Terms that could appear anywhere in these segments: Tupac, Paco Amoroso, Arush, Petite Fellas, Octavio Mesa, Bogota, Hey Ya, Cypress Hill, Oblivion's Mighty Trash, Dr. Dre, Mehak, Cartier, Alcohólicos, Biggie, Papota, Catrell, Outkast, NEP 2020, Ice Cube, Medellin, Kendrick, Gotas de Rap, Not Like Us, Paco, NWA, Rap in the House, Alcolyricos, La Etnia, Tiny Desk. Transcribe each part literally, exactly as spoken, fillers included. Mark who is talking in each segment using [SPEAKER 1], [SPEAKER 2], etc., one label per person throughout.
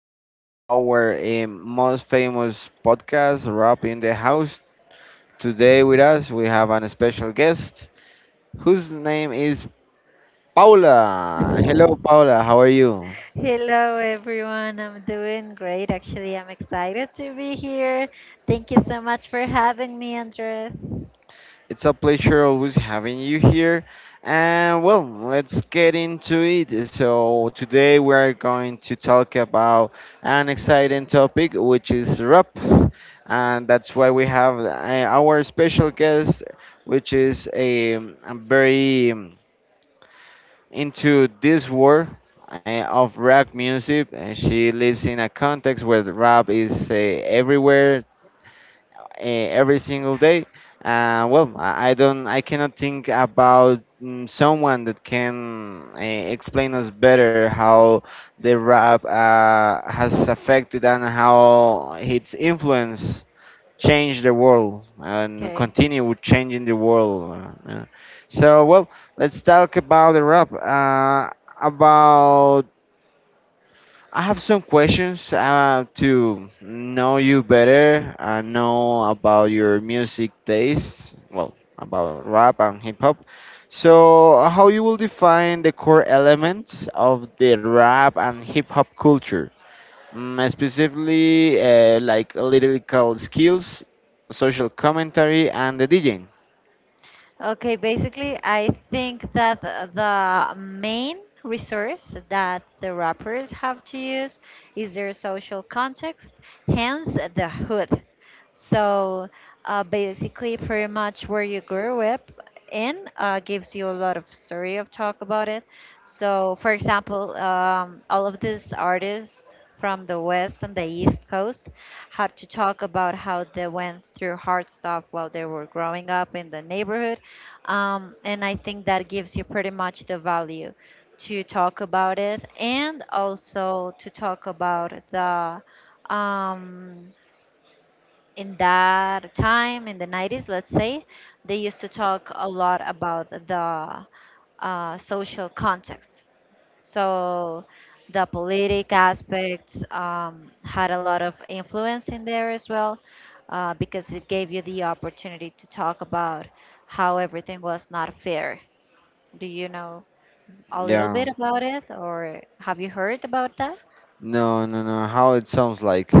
[SPEAKER 1] to our um, most famous podcast, Rap in the House. Today, with us, we have an special guest whose name is Paula. Hello, Paula, how are you?
[SPEAKER 2] Hello everyone, I'm doing great. Actually, I'm excited to be here. Thank you so much for having me, Andres.
[SPEAKER 1] It's a pleasure always having you here. And well, let's get into it. So, today we are going to talk about an exciting topic, which is rap. And that's why we have uh, our special guest, which is a, a very um, into this world uh, of rap music. And she lives in a context where the rap is uh, everywhere eh, every single day. Uh, well, I I don't, I cannot think about mm, someone that can uh, explain us better how the rap uh, has affected and how its influence changed the world and
[SPEAKER 2] Okay.
[SPEAKER 1] continue with changing the world. Uh, so, well, let's talk about the rap. Uh, about I have some questions uh, to know you better. I know about your music taste, well, about rap and hip hop. So, uh, how you will define the core elements of the rap and hip hop culture? Mm, specifically, uh, like lyrical skills, social commentary, and the DJing.
[SPEAKER 2] Okay, basically, I think that the main resource that the rappers have to use is their social context, hence the hood. So uh, basically, pretty much where you grew up in uh, gives you a lot of story of talk about it. So, for example, um, all of these artists from the West and the East Coast had to talk about how they went through hard stuff while they were growing up in the neighborhood. Um, and I think that gives you pretty much the value to talk about it and also to talk about the um, in that time in the nineties, let's say, they used to talk a lot about the uh, social context. So the politic aspects um, had a lot of influence in there as well uh, because it gave you the opportunity to talk about how everything was not fair. Do you know a little bit
[SPEAKER 1] Yeah.
[SPEAKER 2] about it, or have you heard about that?
[SPEAKER 1] No, no, no. How it sounds like.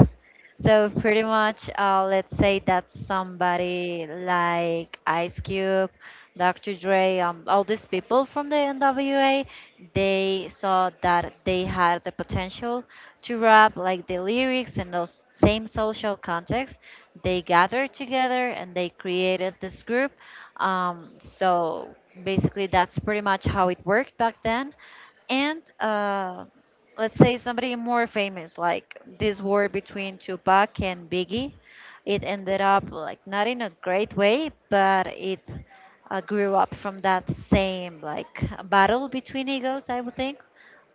[SPEAKER 2] So pretty much, uh, let's say that somebody like Ice Cube, doctor Dre, um, all these people from the N W A, they saw that they had the potential to rap like the lyrics and those same social context. They gathered together and they created this group. Um, so basically, that's pretty much how it worked back then, and uh, let's say somebody more famous, like this war between Tupac and Biggie, it ended up like not in a great way, but it uh, grew up from that same like battle between egos, I would think,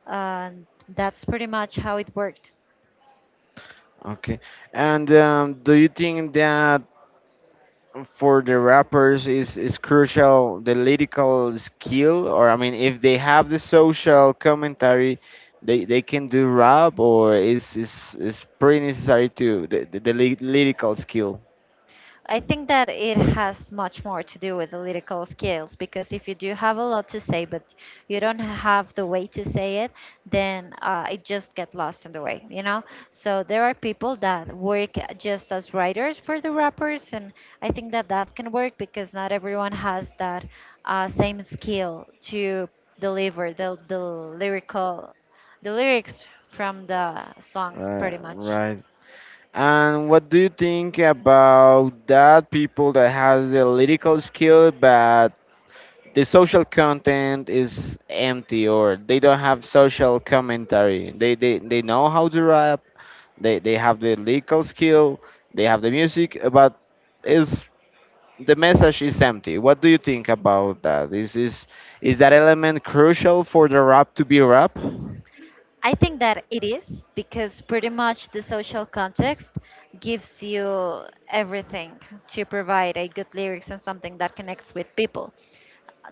[SPEAKER 2] and that's pretty much how it worked.
[SPEAKER 1] Okay. And um, do you think that for the rappers is is crucial the lyrical skill? Or I mean, if they have the social commentary, they they can do rap? Or is is is pretty necessary to the, the, the ly- lyrical skill?
[SPEAKER 2] I think that it has much more to do with the lyrical skills, because if you do have a lot to say but you don't have the way to say it, then uh, it just get lost in the way, you know? So there are people that work just as writers for the rappers, and I think that that can work because not everyone has that uh, same skill to deliver the, the lyrical the lyrics from the songs
[SPEAKER 1] Right,
[SPEAKER 2] pretty much.
[SPEAKER 1] right. And what do you think about that people that has the lyrical skill but the social content is empty, or they don't have social commentary? They they, they know how to rap. They they have the lyrical skill, they have the music, uh, but is the message is empty. What do you think about that? Is is is that element crucial for the rap to be rap?
[SPEAKER 2] I think that it is, because pretty much the social context gives you everything to provide a good lyrics and something that connects with people.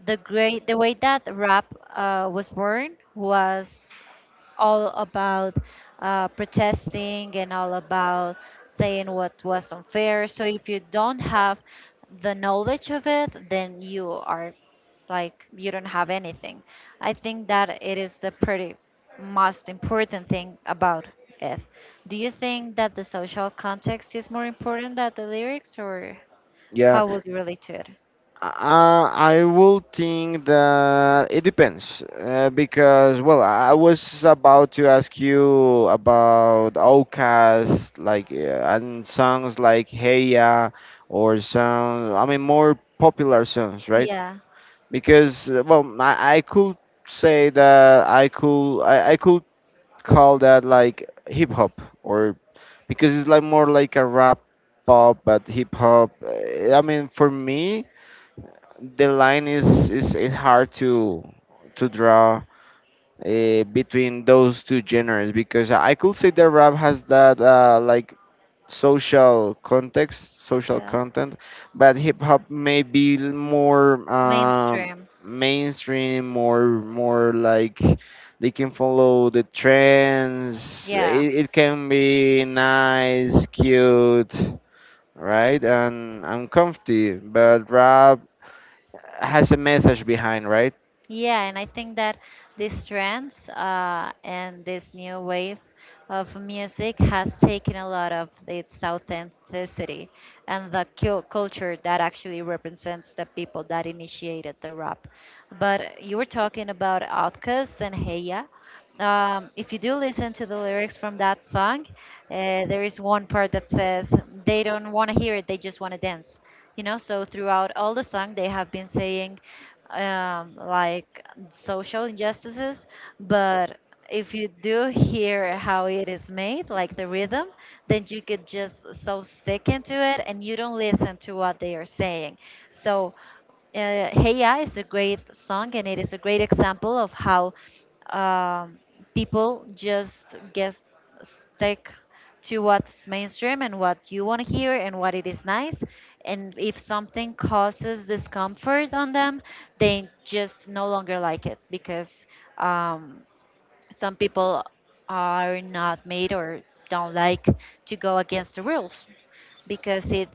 [SPEAKER 2] The great the way that rap uh, was born was all about uh, protesting and all about saying what was unfair. So if you don't have the knowledge of it, then you are like you don't have anything. I think that it is the pretty most important thing about it. Do you think that the social context is more important than the lyrics, or
[SPEAKER 1] Yeah,
[SPEAKER 2] how would you relate to it?
[SPEAKER 1] uh, I will think that it depends, uh, because, well, I was about to ask you about outcasts, like, uh, and songs like Hey Ya, or songs, I mean, more popular songs, right?
[SPEAKER 2] Yeah,
[SPEAKER 1] Because uh, well, I, I could say that I could I, I could call that like hip hop, or because it's like more like a rap pop. But hip hop, uh, I mean, for me, the line is is, is hard to to draw uh, between those two genres, because I could say that rap has that uh, like social context, social
[SPEAKER 2] yeah.
[SPEAKER 1] content, but hip hop may be l- more um,
[SPEAKER 2] Mainstream.
[SPEAKER 1] mainstream, more more like they can follow the trends.
[SPEAKER 2] Yeah,
[SPEAKER 1] It, it can be nice, cute, right, and and comfy. But rap has a message behind, right?
[SPEAKER 2] yeah, and I think that these trends uh, and this new wave of music has taken a lot of its authenticity and the cul- culture that actually represents the people that initiated the rap. But you were talking about Outkast and Heya. Um, if you do listen to the lyrics from that song, uh, there is one part that says they don't want to hear it; they just want to dance. You know, so throughout all the song, they have been saying um, like social injustices, but if you do hear how it is made, like the rhythm, then you could just so stick into it and you don't listen to what they are saying. So uh, Hey Ya is a great song, and it is a great example of how um, people just get stick to what's mainstream and what you want to hear and what it is nice. And if something causes discomfort on them, they just no longer like it because um, some people are not made or don't like to go against the rules, because it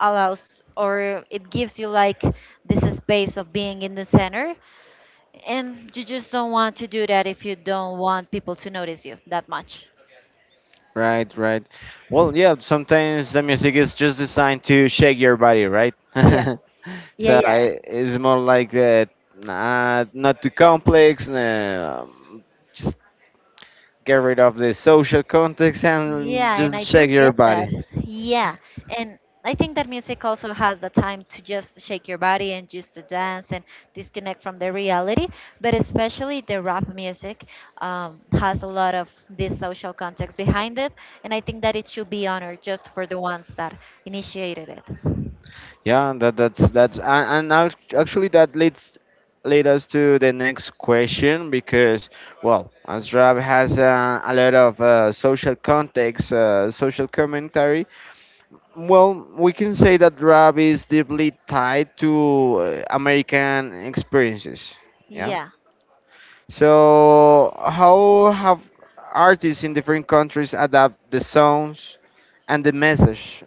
[SPEAKER 2] allows or it gives you like this space of being in the center, and you just don't want to do that if you don't want people to notice you that much.
[SPEAKER 1] Right, right. Well, yeah, sometimes the music is just designed to shake your body, right?
[SPEAKER 2] Yeah, yeah,
[SPEAKER 1] So
[SPEAKER 2] yeah.
[SPEAKER 1] i- it's more like uh, nah, not too complex. Nah, um, just get rid of the social context and
[SPEAKER 2] Yeah, and I
[SPEAKER 1] just
[SPEAKER 2] do
[SPEAKER 1] shake your
[SPEAKER 2] get that.
[SPEAKER 1] body.
[SPEAKER 2] Yeah, and I think that music also has the time to just shake your body and just to dance and disconnect from the reality. But especially the rap music um, has a lot of this social context behind it, and I think that it should be honored just for the ones that initiated it.
[SPEAKER 1] Yeah, that that's that's and, and act- actually that leads lead us to the next question, because well, as rap has uh, a lot of uh, social context, uh, social commentary. Well, we can say that rap is deeply tied to uh, American experiences. Yeah.
[SPEAKER 2] Yeah,
[SPEAKER 1] So, how have artists in different countries adapt the songs and the message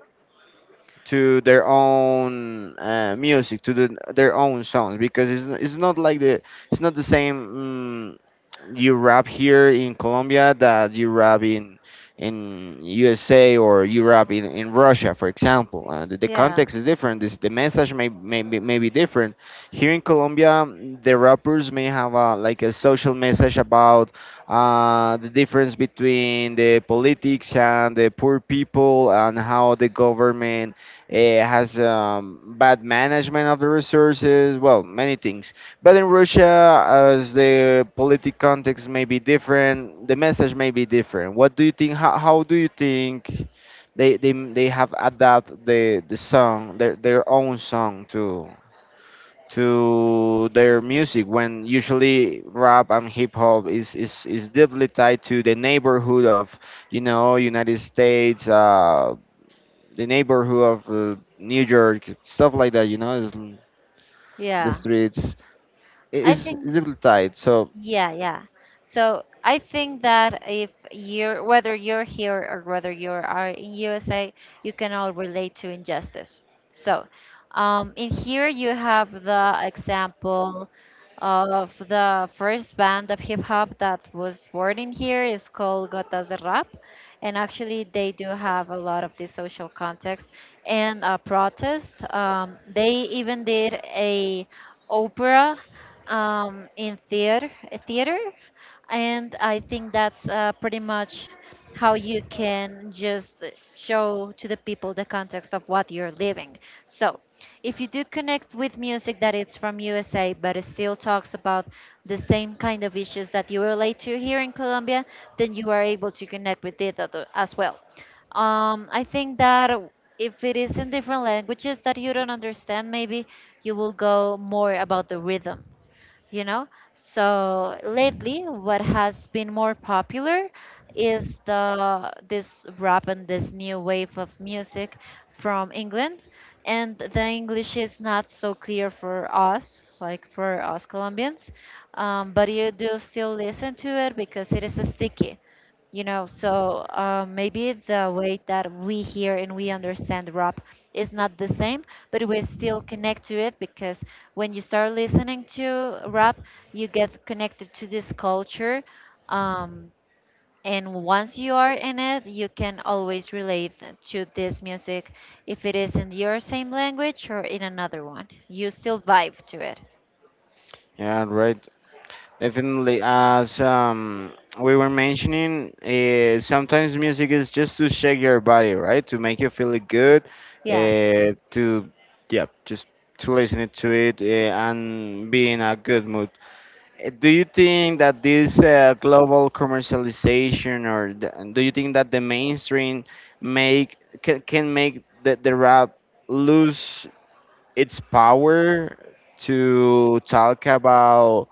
[SPEAKER 1] to their own uh, music, to the, their own songs? Because it's, n- it's not like the it's not the same. Mm, you rap here in Colombia that you rap in in U S A, or you rap in, in Russia, for example. Uh, the, the
[SPEAKER 2] yeah,
[SPEAKER 1] context is different. This, the message may, may, be- may be different. Here in Colombia, mm, the rappers may have a, like a social message about uh, the difference between the politics and the poor people, and how the government it has um, bad management of the resources, well, many things. But in Russia, as the politic context may be different, the message may be different. What do you think? How, how do you think they, they, they have adapted the, the song, their, their own song to to their music, when usually rap and hip hop is, is, is deeply tied to the neighborhood of you know United States, uh, the neighborhood of uh, New York, stuff like that. You know, is l- the
[SPEAKER 2] yeah.
[SPEAKER 1] streets
[SPEAKER 2] I
[SPEAKER 1] is a
[SPEAKER 2] think.
[SPEAKER 1] little tight. So
[SPEAKER 2] Yeah, yeah. So I think that if you're, whether you're here or whether you are in U S A, you can all relate to injustice. So um, in here you have the example of the first band of hip hop that was born in here is called Gotas de Rap. And actually, they do have a lot of the social context and uh, protest. Um, they even did a opera um, in theater, theater, and I think that's uh, pretty much how you can just show to the people the context of what you're living. So, if you do connect with music that it's from U S A but it still talks about the same kind of issues that you relate to here in Colombia, then you are able to connect with it at- as well. Um, I think that if it is in different languages that you don't understand, maybe you will go more about the rhythm, you know? So lately, what has been more popular is the this rap and this new wave of music from England, and the English is not so clear for us, like for us Colombians, um, but you do still listen to it because it is sticky, you know? So uh, maybe the way that we hear and we understand rap is not the same, but we still connect to it because when you start listening to rap you get connected to this culture. um, and once you are in it you can always relate to this music. If it is in your same language or in another one, you still vibe to it.
[SPEAKER 1] yeah, right. Definitely, as um, we were mentioning, uh, sometimes music is just to shake your body, right? To make you feel good,
[SPEAKER 2] Yeah,
[SPEAKER 1] uh, to yeah, just to listen it to it, uh, and be in a good mood. Uh, Do you think that this uh, global commercialization, or the, do you think that the mainstream make can, can make the, the rap lose its power to talk about?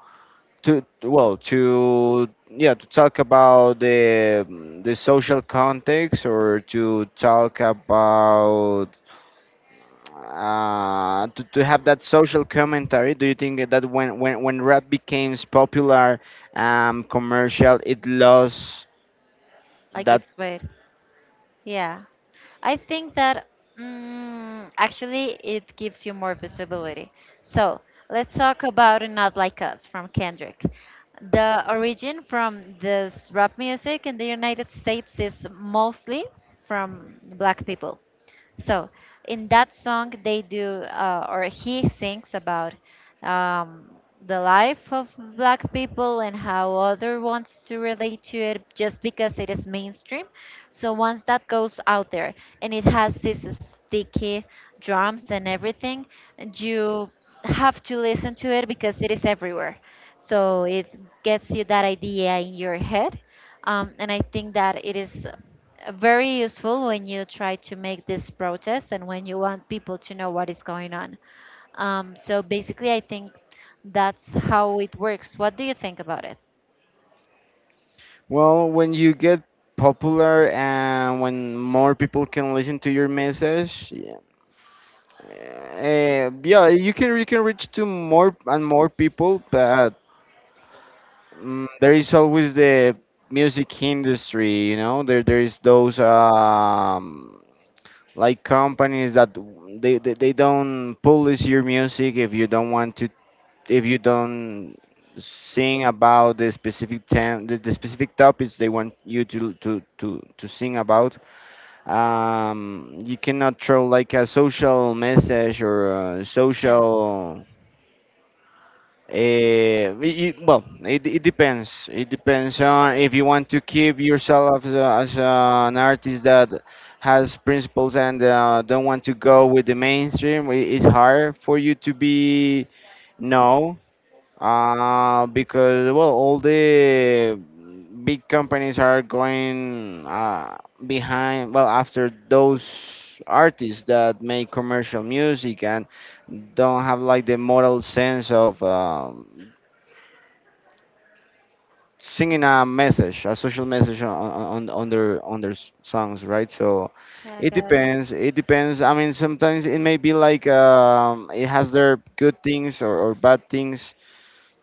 [SPEAKER 1] To well, to yeah, to talk about the the social context, or to talk about uh, to, to have that social commentary? Do you think that when, when, when rap became popular, um, commercial, it lost
[SPEAKER 2] like
[SPEAKER 1] that?
[SPEAKER 2] it's weird. Yeah, I think that mm, actually it gives you more visibility. So let's talk about Not Like Us from Kendrick. The origin from this rap music in the United States is mostly from black people. So in that song, they do, uh, or he sings about um, the life of black people and how other wants to relate to it just because it is mainstream. So once that goes out there and it has this sticky drums and everything, you have to listen to it because it is everywhere. So it gets you that idea in your head. Um, and I think that it is uh, very useful when you try to make this protest and when you want people to know what is going on. Um, so basically, I think that's how it works. What do you think about it?
[SPEAKER 1] Well, when you get popular and when more people can listen to your message, yeah, eh, yeah you can you can reach to more and more people. But mm, there is always the music industry, you know. There there is those um, like companies that w- they, they, they don't publish your music if you don't want to, if you don't sing about the specific tem- the, the specific topics they want you to to to, to sing about. Um, you cannot throw like a social message or a
[SPEAKER 2] Yeah,
[SPEAKER 1] social. Eh, it, it- well, it, it depends. It depends on if you want to keep yourself as, a, as an artist that has principles and uh, don't want to go with the mainstream. i- It's hard for you to be no, uh, because well, all the big companies are going uh, behind. Well, after those artists that make commercial music and don't have like the moral sense of um, singing a message, a social message on, on, on their on their s- songs, right? So
[SPEAKER 2] yeah, I
[SPEAKER 1] it
[SPEAKER 2] got it.
[SPEAKER 1] depends. It depends. I mean, sometimes it may be like um, it has their good things or, or bad things.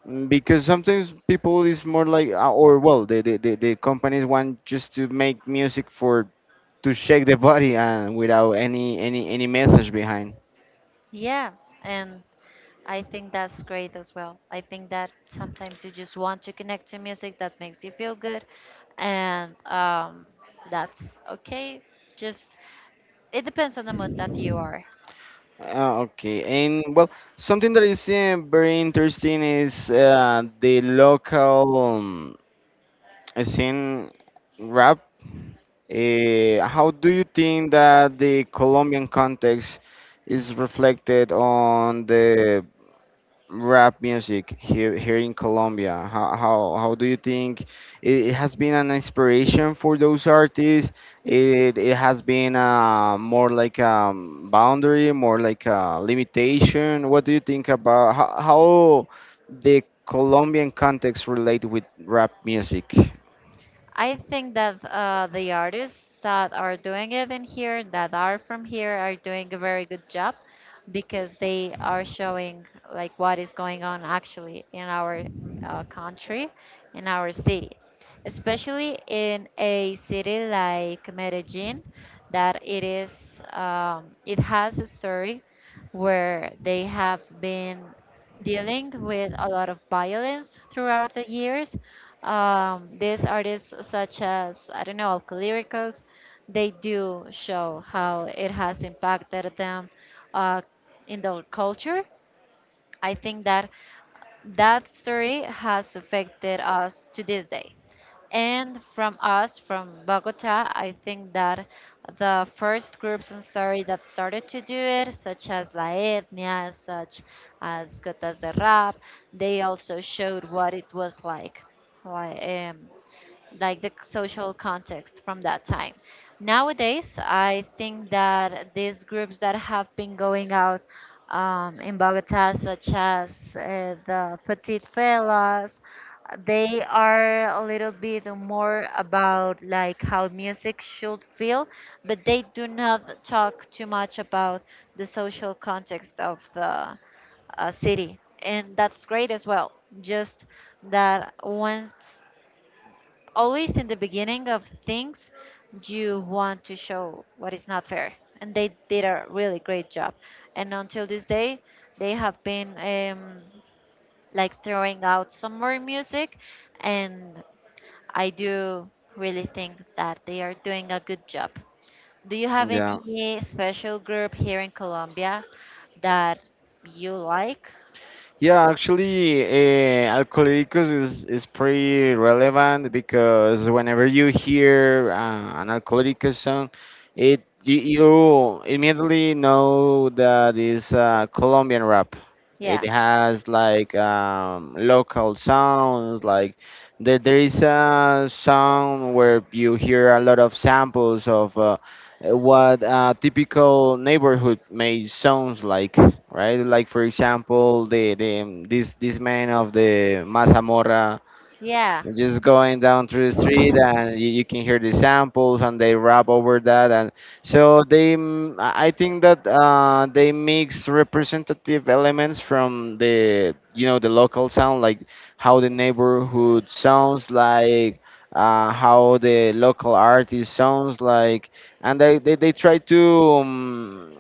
[SPEAKER 1] mm, Because sometimes people is more like uh, or well, the, the the the companies want just to make music for to shake the body and without any any any message behind.
[SPEAKER 2] Yeah, and I think that's great as well. I think that sometimes you just want to connect to music that makes you feel good, and um, that's okay. Just it depends on the mood that you are.
[SPEAKER 1] Uh, okay, and well, something that is uh, very interesting is uh, the local. um, Sin rap, eh, how do you think that the Colombian context is reflected on the rap music here here in Colombia? How how, how do you think it, it has been an inspiration for those artists? It it has been uh, more like a boundary, more like a limitation. What do you think about how, how the Colombian context relate with rap music?
[SPEAKER 2] I think that uh, the artists that are doing it in here, that are from here, are doing a very good job because they are showing like what is going on actually in our uh, country, in our city, especially in a city like Medellin, that it is um, it has a story where they have been dealing with a lot of violence throughout the years. Um, these artists, such as, I don't know, Alcolyricos, they do show how it has impacted them uh, in their culture. I think that that story has affected us to this day. And from us, from Bogota, I think that the first groups and story that started to do it, such as La Etnia, such as Gotas de Rap, they also showed what it was like. Like, um, like the social context from that time. Nowadays, I think that these groups that have been going out um, in Bogota, such as uh, the Petite Fellas, they are a little bit more about like how music should feel, but they do not talk too much about the social context of the uh, city, and that's great as well. Just that once, always in the beginning of things, you want to show what is not fair, and they did a really great job. And until this day they have been um, like throwing out some more music, and I do really think that they are doing a good job. Do you have
[SPEAKER 1] Yeah.
[SPEAKER 2] any special group here in colombia that you like?
[SPEAKER 1] Yeah, actually, uh, alcoholicos is, is pretty relevant, because whenever you hear uh, an alcoholicos song, it you, you immediately know that it's uh, Colombian rap.
[SPEAKER 2] Yeah,
[SPEAKER 1] It has like um, local sounds, like there there is a song where you hear a lot of samples of uh, what a typical neighborhood may sounds like, right? Like, for example, the the um, this this man of the Mazamorra
[SPEAKER 2] yeah.
[SPEAKER 1] just going down through the street, and you, you can hear the samples, and they rap over that. And so they, mm, I I think that uh, they mix representative elements from the you know the local sound, like how the neighborhood sounds like. Uh, how the local artist sounds like, and they, they, they try to um,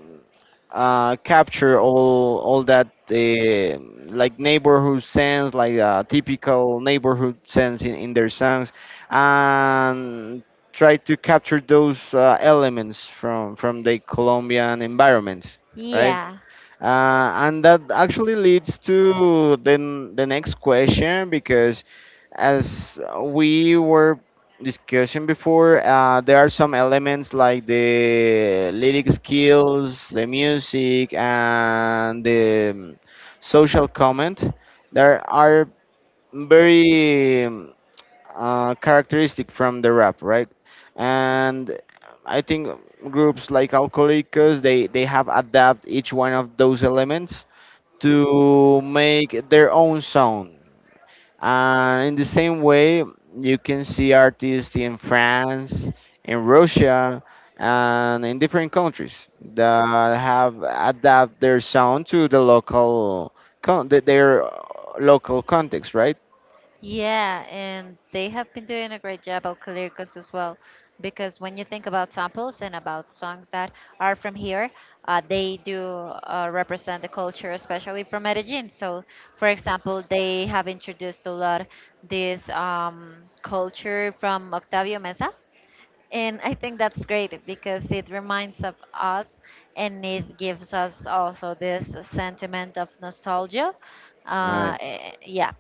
[SPEAKER 1] uh, capture all all that uh, like neighborhood sense, like uh, typical neighborhood sense in, in their songs, and try to capture those uh, elements from from the Colombian environment, right?
[SPEAKER 2] Yeah.
[SPEAKER 1] Uh, and that actually leads to the, n- the next question, because, as we were discussing before, uh, there are some elements like the lyric skills, the music, and the um, social comment that are very um, uh, characteristic from the rap, right? And I think groups like Alcohólicos, they they have adapted each one of those elements to make their own sound. And in the same way, you can see artists in France, in Russia, and in different countries that have adapted their sound to the local con- th- their uh, local context, right?
[SPEAKER 2] Yeah, and they have been doing a great job of Calircos as well. Because when you think about samples and about songs that are from here, uh, they do uh, represent the culture, especially from Medellin. So, for example, they have introduced a lot this um, culture from Octavio Mesa, and I think that's great because it reminds of us and it gives us also this sentiment of nostalgia. Uh, eh, yeah,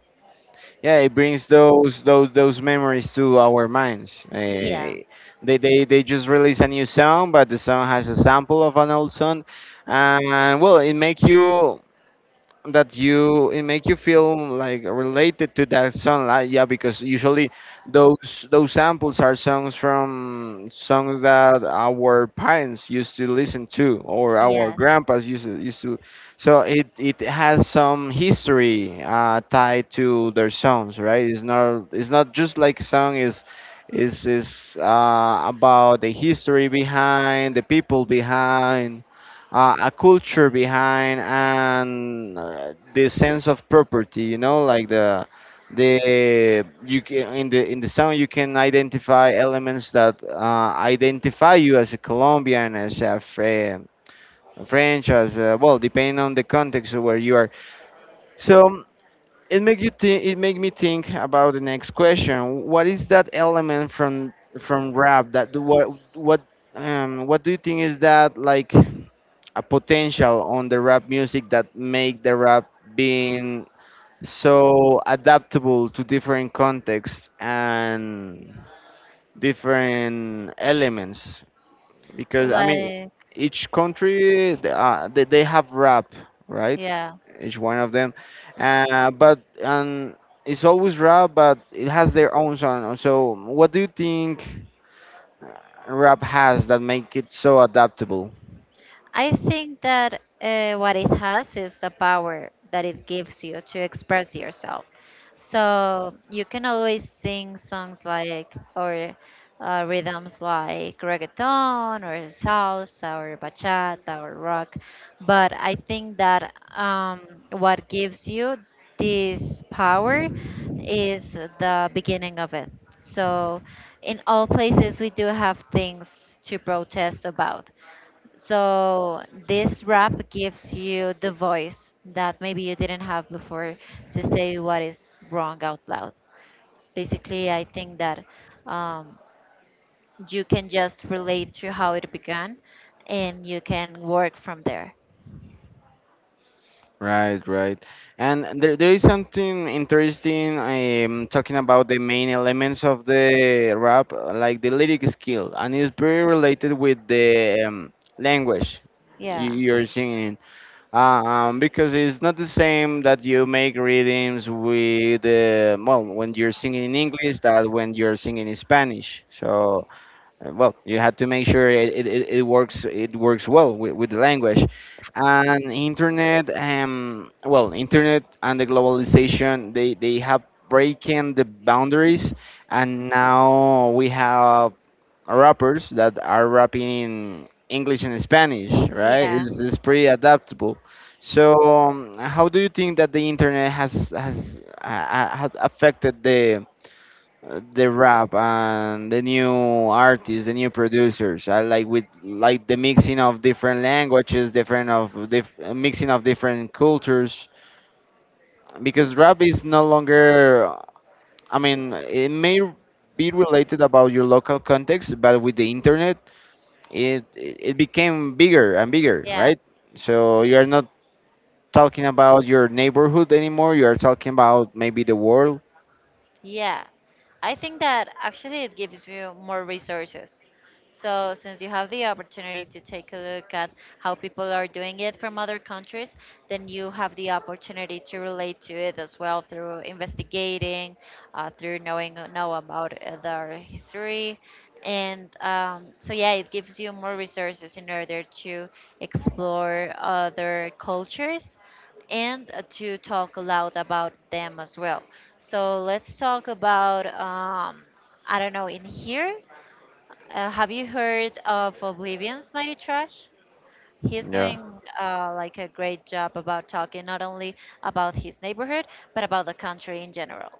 [SPEAKER 1] Yeah, it brings those those those memories to our minds.
[SPEAKER 2] yeah.
[SPEAKER 1] Eh, they, they they just release a new song, but the song has a sample of an old song, and well, it make you, that you, it make you feel like related to that song, like yeah, because usually those those samples are songs from songs that our parents used to listen to, or our
[SPEAKER 2] Yes.
[SPEAKER 1] grandpas used to, used to, so it it has some history uh tied to their songs, right? It's not it's not just like song is is is uh about the history behind, the people behind, uh, a culture behind, and uh, the sense of property, you know, like the the you can, in the in the song you can identify elements that uh, identify you as a colombian, as a Fre- french, as a, well, depending on the context of where you are. So it make you think, it make me think about the next question. What is that element from from rap that do what, what um what do you think is that, like a potential on the rap music that make the rap being so adaptable to different contexts and different elements? Because I mean,
[SPEAKER 2] Like,
[SPEAKER 1] each country, th- uh, they, they have rap, right?
[SPEAKER 2] yeah.
[SPEAKER 1] Each one of them, uh, but and it's always rap, but it has their own sound. So what do you think uh, rap has that make it so adaptable?
[SPEAKER 2] I think that uh, what it has is the power that it gives you to express yourself. So you can always sing songs like, or uh, rhythms like reggaeton, or salsa, or bachata, or rock. But I think that um, what gives you this power is the beginning of it. So in all places, we do have things to protest about, so this rap gives you the voice that maybe you didn't have before to say what is wrong out loud. Basically, I think that um, you can just relate to how it began, and you can work from there.
[SPEAKER 1] Right, right. And there, there is something interesting, um, talking about the main elements of the rap, uh, like the lyric skill, and it's very related with the um, language y-
[SPEAKER 2] Yeah.
[SPEAKER 1] you're singing. Uh, Um, because it's not the same that you make readings with, uh, well, when you're singing in English that when you're singing in Spanish. So uh, well, you have to make sure it, it, it it works it works well with, with the language. And internet, um, well, internet and the globalization, they, they have breaking the boundaries, and now we have rappers that are rapping in English and Spanish, right?
[SPEAKER 2] Yeah,
[SPEAKER 1] It's, it's pretty adaptable. So, um, how do you think that the internet has has uh, uh, has affected the the rap and the new artists, the new producers? Uh, like with, like the mixing of different languages, different of dif- mixing of different cultures. Because rap is no longer, I mean, it may be related about your local context, but with the internet, it it became bigger and bigger,
[SPEAKER 2] yeah.
[SPEAKER 1] right? So you are not talking about your neighborhood anymore. You are talking about maybe the world.
[SPEAKER 2] Yeah, I think that actually it gives you more resources. So, since you have the opportunity to take a look at how people are doing it from other countries, then you have the opportunity to relate to it as well through investigating, uh, through knowing know about uh, their history, and um, so yeah, it gives you more resources in order to explore other cultures and uh, to talk aloud about them as well. So let's talk about, um, I don't know, in here. Uh, have you heard of Oblivion's Mighty Trash? He's
[SPEAKER 1] Yeah.
[SPEAKER 2] doing uh, like a great job about talking not only about his neighborhood, but about the country in general,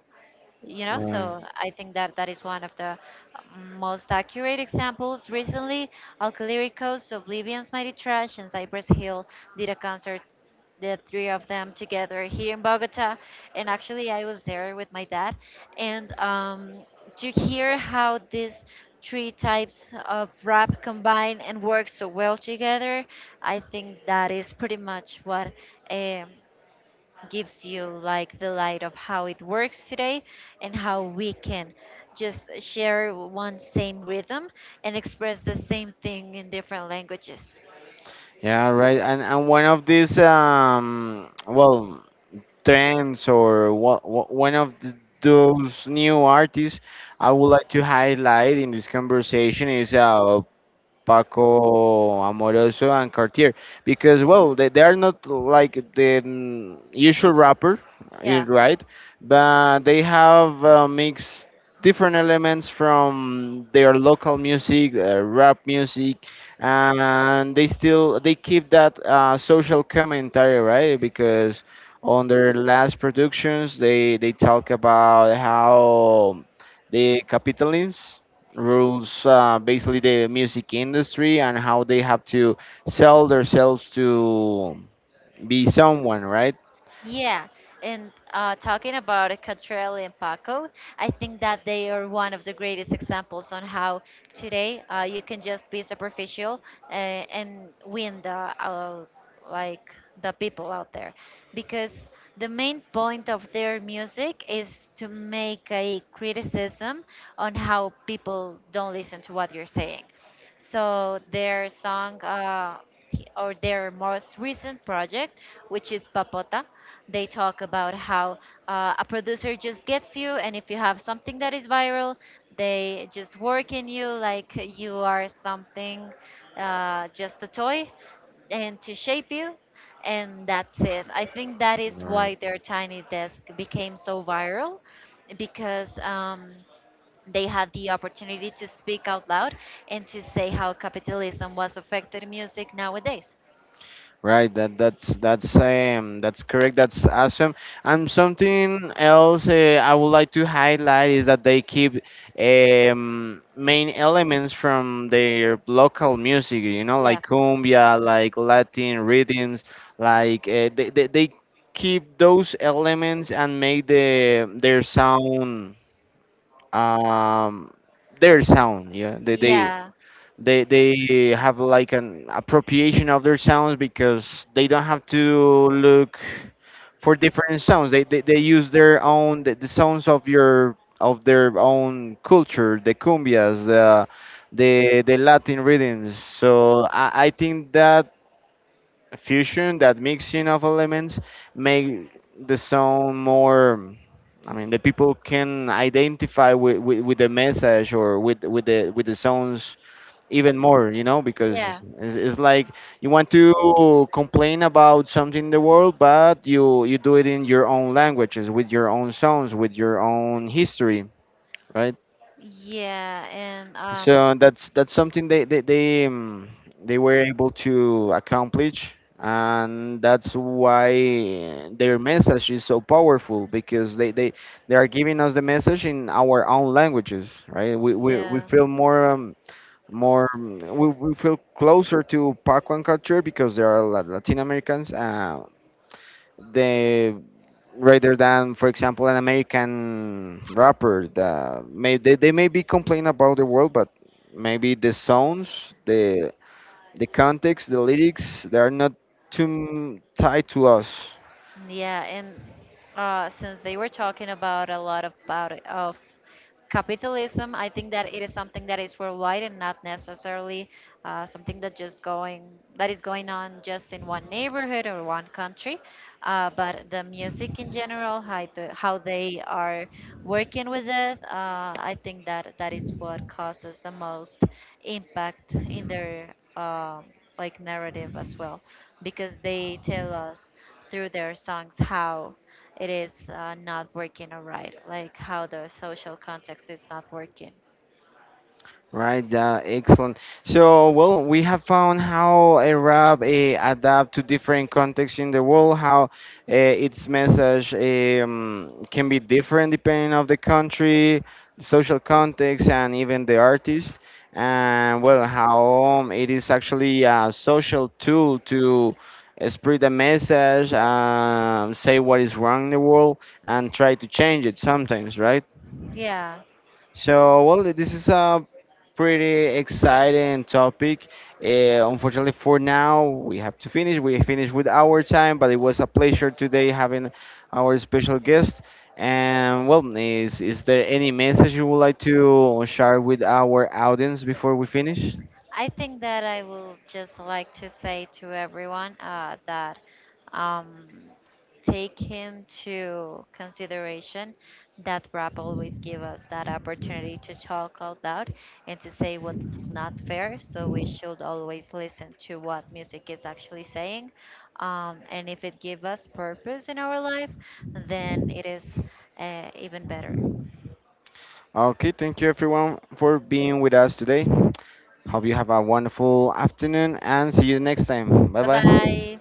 [SPEAKER 2] you know.
[SPEAKER 1] Right.
[SPEAKER 2] So I think that that is one of the uh, most accurate examples recently. Alcalyricos, Oblivion's Mighty Trash, and Cypress Hill did a concert, the three of them together here in Bogota, and actually I was there with my dad, and um, to hear how these three types of rap combine and work so well together, I think that is pretty much what um, gives you like the light of how it works today and how we can just share one same rhythm and express the same thing in different languages.
[SPEAKER 1] Yeah, right. And and one of these, um well, trends, or what one of th those new artists I would like to highlight in this conversation is uh Paco Amoroso and Cartier, because well, they, they are not like the mm, usual rapper, eh,
[SPEAKER 2] Yeah.
[SPEAKER 1] right, but they have uh, mixed different elements from their local music, uh, rap music, and they still, they keep that uh, social commentary, right? Because on their last productions they they talk about how the capitalism rules, uh, basically, the music industry, and how they have to sell themselves to be someone, right?
[SPEAKER 2] Yeah, and uh, talking about Catrell and Paco, I think that they are one of the greatest examples on how today uh, you can just be superficial uh, and win the uh, like the people out there, because the main point of their music is to make a criticism on how people don't listen to what you're saying. So their song uh, or their most recent project, which is Papota. They talk about how uh, a producer just gets you, and if you have something that is viral, they just work in you like you are something, uh, just a toy, and to shape you, and that's it. I think that is
[SPEAKER 1] Right.
[SPEAKER 2] why their Tiny Desk became so viral because um, they had the opportunity to speak out loud and to say how capitalism was affected music nowadays.
[SPEAKER 1] Right, that that's, that's um that's correct. That's awesome. And something else, uh, I would like to highlight is that they keep um main elements from their local music, you know,
[SPEAKER 2] Yeah.
[SPEAKER 1] like cumbia, like Latin rhythms, like uh, they, they they keep those elements and make the their sound, um their sound. Yeah, they they
[SPEAKER 2] Yeah.
[SPEAKER 1] they they have like an appropriation of their sounds, because they don't have to look for different sounds. They they, they use their own, the, the sounds of your, of their own culture, the cumbias, the, the, the latin rhythms. So I, I think that fusion, that mixing of elements, make the sound more, I mean, the people can identify with, with, with the message, or with with the, with the sounds even more, you know, because
[SPEAKER 2] Yeah.
[SPEAKER 1] it's, it's it's like, you want to complain about something in the world, but you you do it in your own languages, with your own sounds, with your own history, right?
[SPEAKER 2] Yeah, and um,
[SPEAKER 1] So that's that's something they they they, um, they were able to accomplish, and that's why their message is so powerful, because they they they are giving us the message in our own languages, right? We we, we
[SPEAKER 2] yeah,
[SPEAKER 1] feel more. Um, more, mm, we, we feel closer to Pacuan culture, because there are La- Latin Americans, uh, they rather than, for example, an American rapper, that may, they, they may be complaining about the world, but maybe the sounds, the the context, the lyrics, they are not too mm, tied to us.
[SPEAKER 2] yeah, and uh, since they were talking about a lot about it- of capitalism, I think that it is something that is worldwide and not necessarily uh, something that just going that is going on just in one neighborhood or one country. Uh, but the music in general, how the, how they are working with it, uh, I think that that is what causes the most impact in their um, like narrative as well, because they tell us through their songs how it is uh, not working all right, like how the social context is not working.
[SPEAKER 1] Right, yeah, excellent. So, well, we have found how a rap, eh, adapt to different contexts in the world, how eh, its message, um, can be different depending of the country, social context, and even the artist. And well, how um, it is actually a social tool to eh, spread a message, um, say what is wrong in the world, and try to change it sometimes, right?
[SPEAKER 2] Yeah.
[SPEAKER 1] So, well, this is a pretty exciting topic. Uh, unfortunately, for now, we have to finish. We finished with our time, but it was a pleasure today having our special guest. And, well, is, is there any message you would like to share with our audience before we finish?
[SPEAKER 2] I think that I will just like to say to everyone uh, that um, take into consideration that rap always give us that opportunity to talk out loud and to say what's not fair. So we should always listen to what music is actually saying. Um, and if it give us purpose in our life, then it is uh, even better.
[SPEAKER 1] Okay, thank you everyone for being with us today. Hope you have a wonderful afternoon, and see you next time. Bye
[SPEAKER 2] Bye
[SPEAKER 1] bye.
[SPEAKER 2] bye.